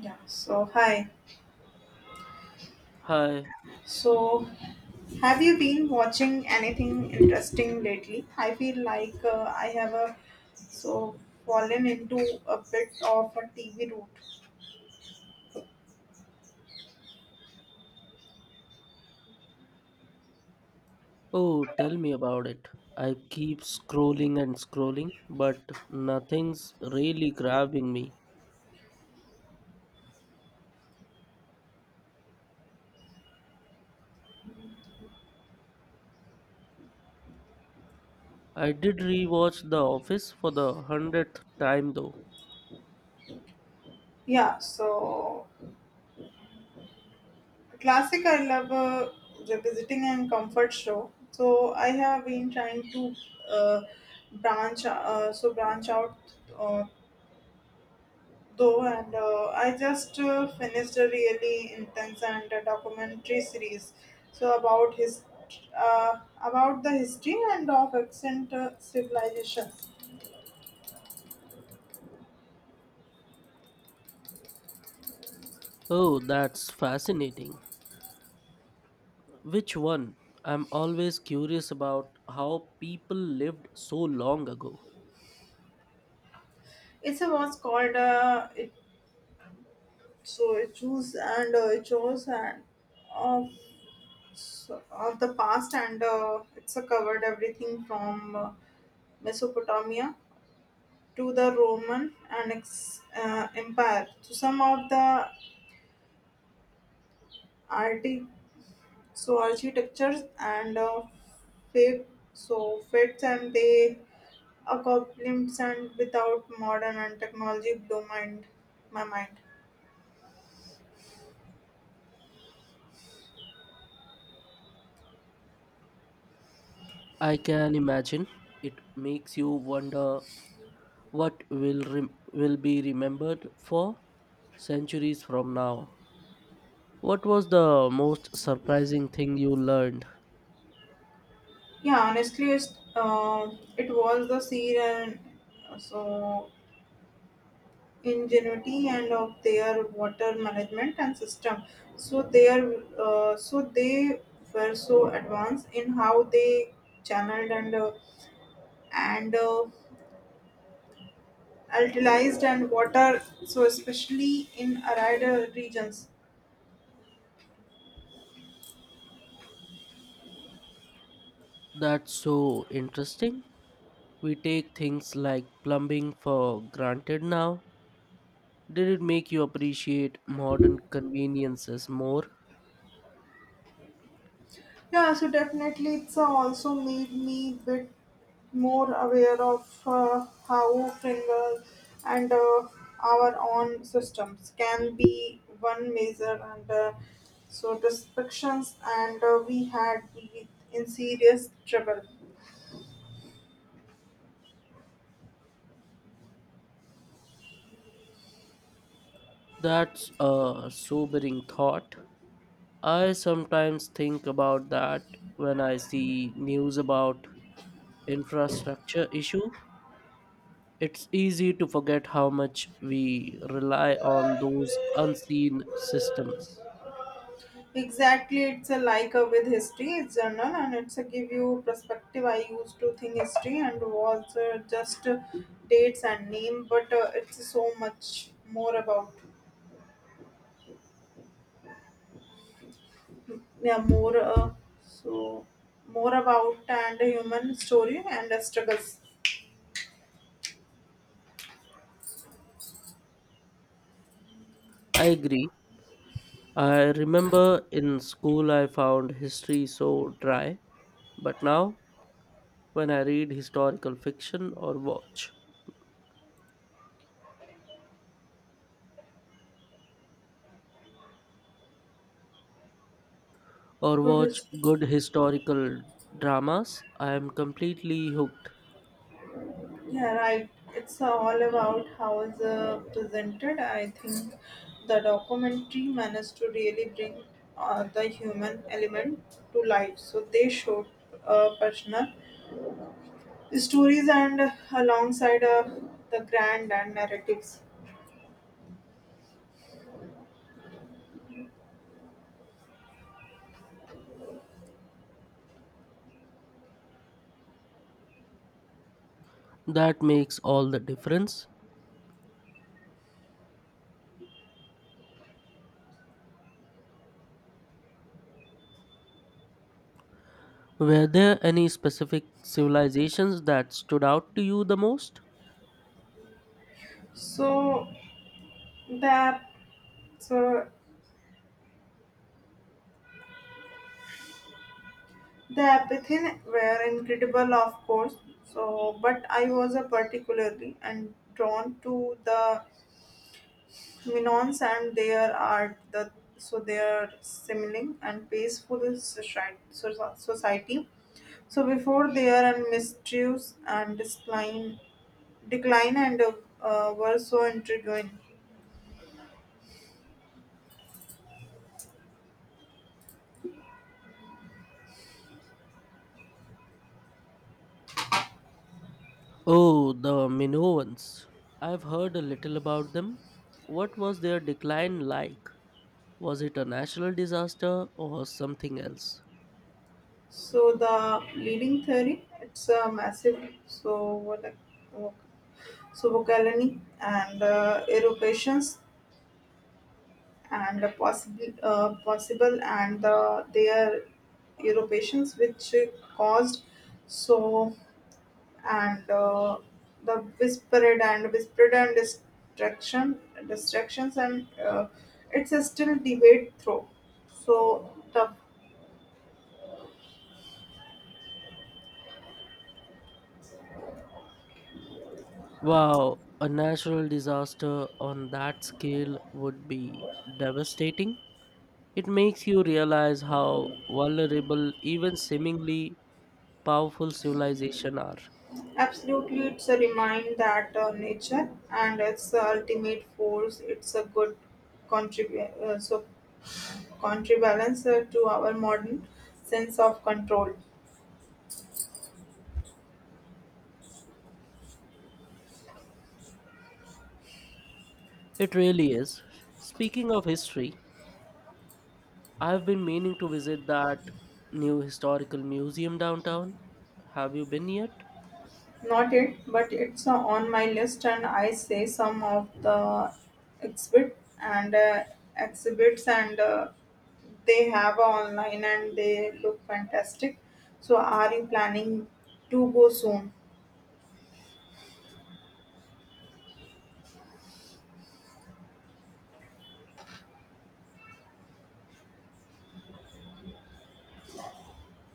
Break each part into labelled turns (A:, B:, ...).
A: Yeah, so hi.
B: Hi.
A: So, have you been watching anything interesting lately? I feel like I have a so fallen into a bit of a TV route.
B: Oh, tell me about it. I keep scrolling and scrolling, but nothing's really grabbing me. I did rewatch The Office for the hundredth time though.
A: Yeah, so classic I love revisiting and comfort show. So, I have been trying to uh, branch branch out uh, though, and I just finished a really intense and a documentary series. So about his about the history and of ancient civilizations.
B: Oh, that's fascinating. Which one? I'm always curious about how people lived so long ago.
A: It's a was called it so it choose and it chose and of so, of the past and it's covered everything from Mesopotamia to the Roman and Empire. So some of the arti- architectures and faith so faiths and they accomplishments and without modern and technology blow mind my mind.
B: I can imagine. It makes you wonder what will be remembered for centuries from now. What was the most surprising thing you learned?
A: Yeah, honestly it was the sea and uh, so ingenuity and of their water management and system so they are they were so advanced in how they channeled and alkalized and water so especially in arid regions.
B: That's so interesting. We take things like plumbing for granted now. Did it make you appreciate modern conveniences more?
A: Yeah, so definitely it's also made me bit more aware of how finger and our own systems can be one measure and so descriptions and we had been in serious trouble.
B: That's a sobering thought. I sometimes think about that when I see news about infrastructure issue. It's easy to forget how much we rely on those unseen systems.
A: Exactly, it's a like a with history. It's journal and it's a give you perspective. I used to think history and was just dates and name, but it's so much more about yeah more uh, so more about and human story and struggles.
B: I agree. I remember in school I found history so dry, but now when I read historical fiction or
A: Good
B: watch
A: history.
B: good historical dramas, I am completely hooked.
A: Yeah, right. It's all about how it's presented. I think the documentary managed to really bring the human element to life. So they showed personal stories and alongside the grand and narratives.
B: That makes all the difference. Were there any specific civilizations that stood out to you the most?
A: So the so the apathy were incredible, of course. So, but I was particularly and drawn to the Minons and their art, the so their smiling and peaceful society. So before their and misuse and decline, decline and were so intriguing.
B: Oh, the Minoans. I've heard a little about them. What was their decline like? Was it a natural disaster or something else?
A: So the leading theory, it's a massive so what so vocalony and eruptions and the possible possible and the, their europeans which caused so and the whispered and distraction distractions and it's a still debate through so the.
B: Wow, a natural disaster on that scale would be devastating. It makes you realize how vulnerable even seemingly powerful civilizations are.
A: Absolutely it's a remind that nature and its ultimate force it's a good contrib, so counterbalance to our modern sense of control.
B: It really is. Speaking of history, I've been meaning to visit that new historical museum downtown. Have you been yet?
A: Not yet, but it's on my list, and I say some of the exhibit and uh, exhibits, and they have online, and they look fantastic. So, are you planning to go soon?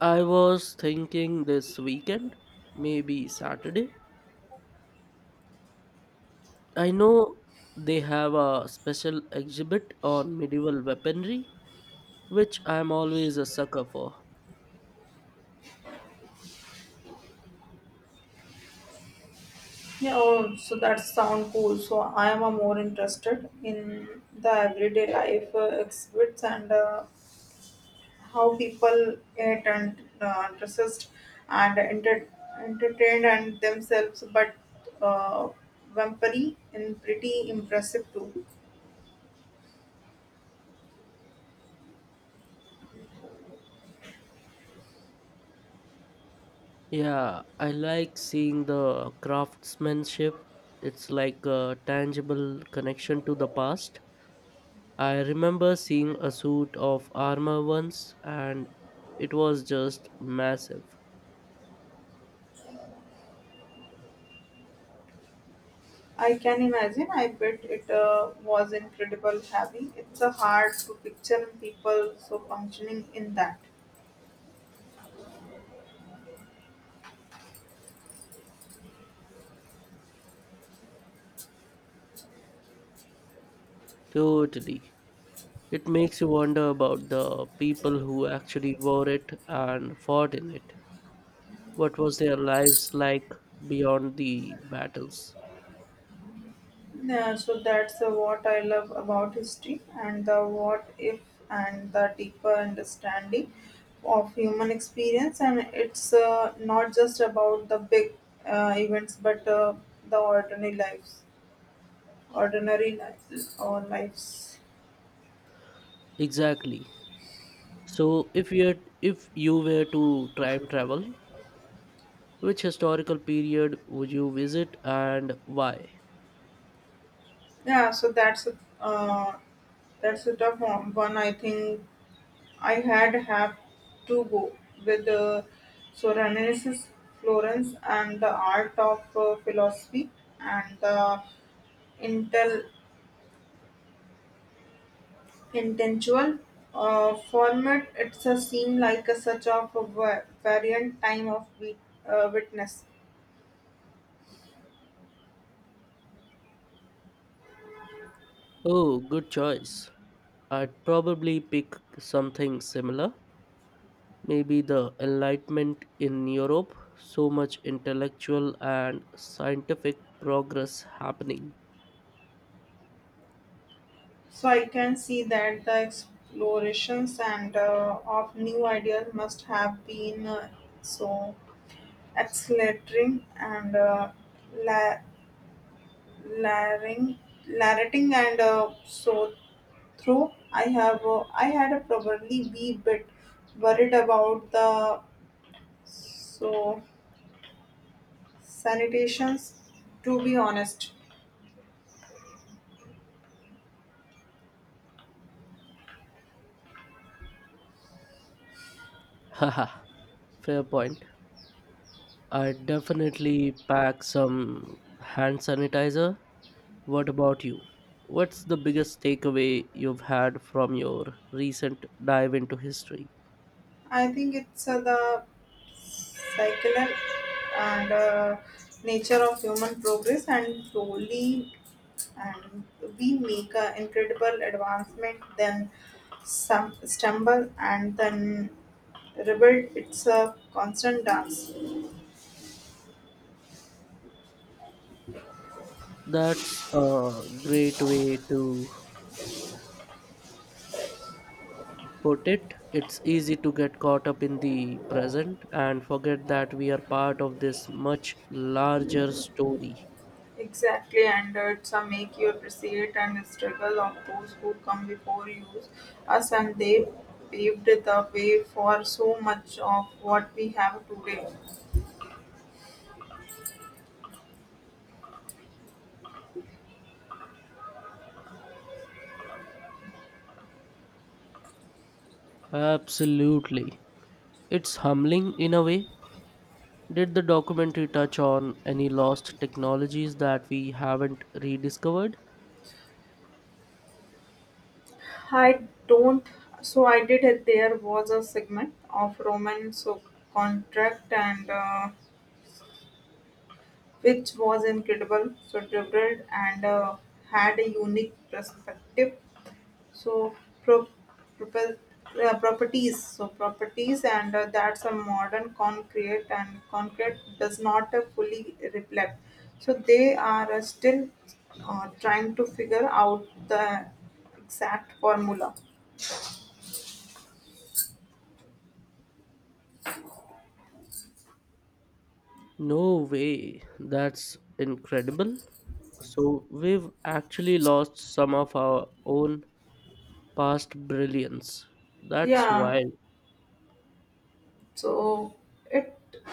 B: I was thinking this weekend, maybe Saturday. I know they have a special exhibit on medieval weaponry which I'm always a sucker for.
A: Yeah, oh, so that sound cool. So I am more interested in the everyday life exhibits and how people get and dressed and entertained and themselves but uh, vampiry and pretty impressive too.
B: Yeah, I like seeing the craftsmanship. It's like a tangible connection to the past. I remember seeing a suit of armor once and it was just massive.
A: I can imagine, I bet it was incredible heavy, it's hard to picture people so functioning in that.
B: Totally. It makes you wonder about the people who actually wore it and fought in it. What was their lives like beyond the battles?
A: Yeah, so that's what I love about history and the what if and the deeper understanding of human experience. And it's not just about the big events, but the ordinary lives or lives.
B: Exactly. So, if you were to time travel, which historical period would you visit and why?
A: Yeah, so that's a tough one. One I think I had have to go with Soranus, Florence, and the Art of Philosophy, and the intel intellectual format. It's a seem like a such of a variant time of witness.
B: Oh, good choice. I'd probably pick something similar. Maybe the Enlightenment in Europe, so much intellectual and scientific progress happening.
A: So I can see that the explorations and of new ideas must have been so exhilarating la- Larrying, larrating and so through I have I had a probably be bit worried about the so sanitations to be honest.
B: Haha, fair point. I'd definitely pack some hand sanitizer. What about you? What's the biggest takeaway you've had from your recent dive into history?
A: I think it's the cyclical and nature of human progress and slowly and we make an incredible advancement, then some stumble and then rebuild. It's a constant dance.
B: That's a great way to put it. It's easy to get caught up in the present and forget that we are part of this much larger story.
A: Exactly, and it's a make you appreciate and struggle of those who come before you us, and they paved the way for so much of what we have today.
B: Absolutely. It's humbling in a way. Did the documentary touch on any lost technologies that we haven't rediscovered?
A: I don't. So I did it. There was a segment of Roman so contract and. Which was incredible, so different and had a unique perspective. So pro- propel- properties, so properties, and that's a modern concrete and concrete does not fully reflect. So they are still trying to figure out the exact formula.
B: No way. That's incredible. So we've actually lost some of our own past brilliance. That's
A: Yeah,
B: wild.
A: so it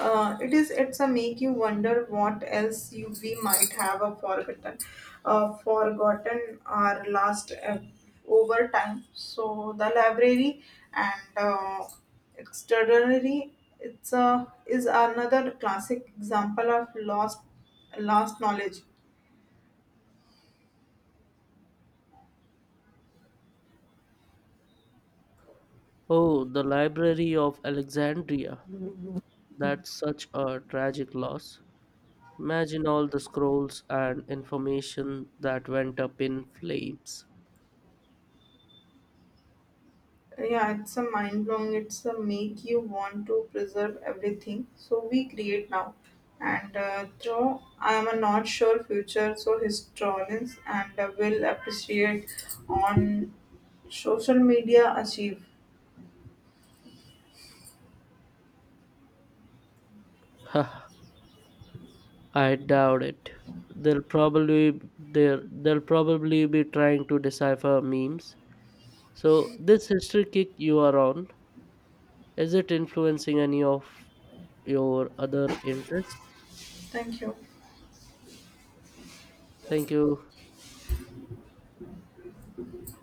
A: it is it's a make you wonder what else you we might have a forgotten forgotten our last over time so the library and extraordinary it's a is another classic example of lost knowledge.
B: Oh, the Library of Alexandria. That's such a tragic loss. Imagine all the scrolls and information that went up in flames.
A: Yeah, it's a mind blowing, it's a make you want to preserve everything so we create now and though I am a not sure future so historians and will appreciate on social media achieve.
B: Huh, I doubt it. They'll probably they'll probably be trying to decipher memes. So this history kick you are on, is it influencing any of your other interests.
A: Thank you.
B: Thank you.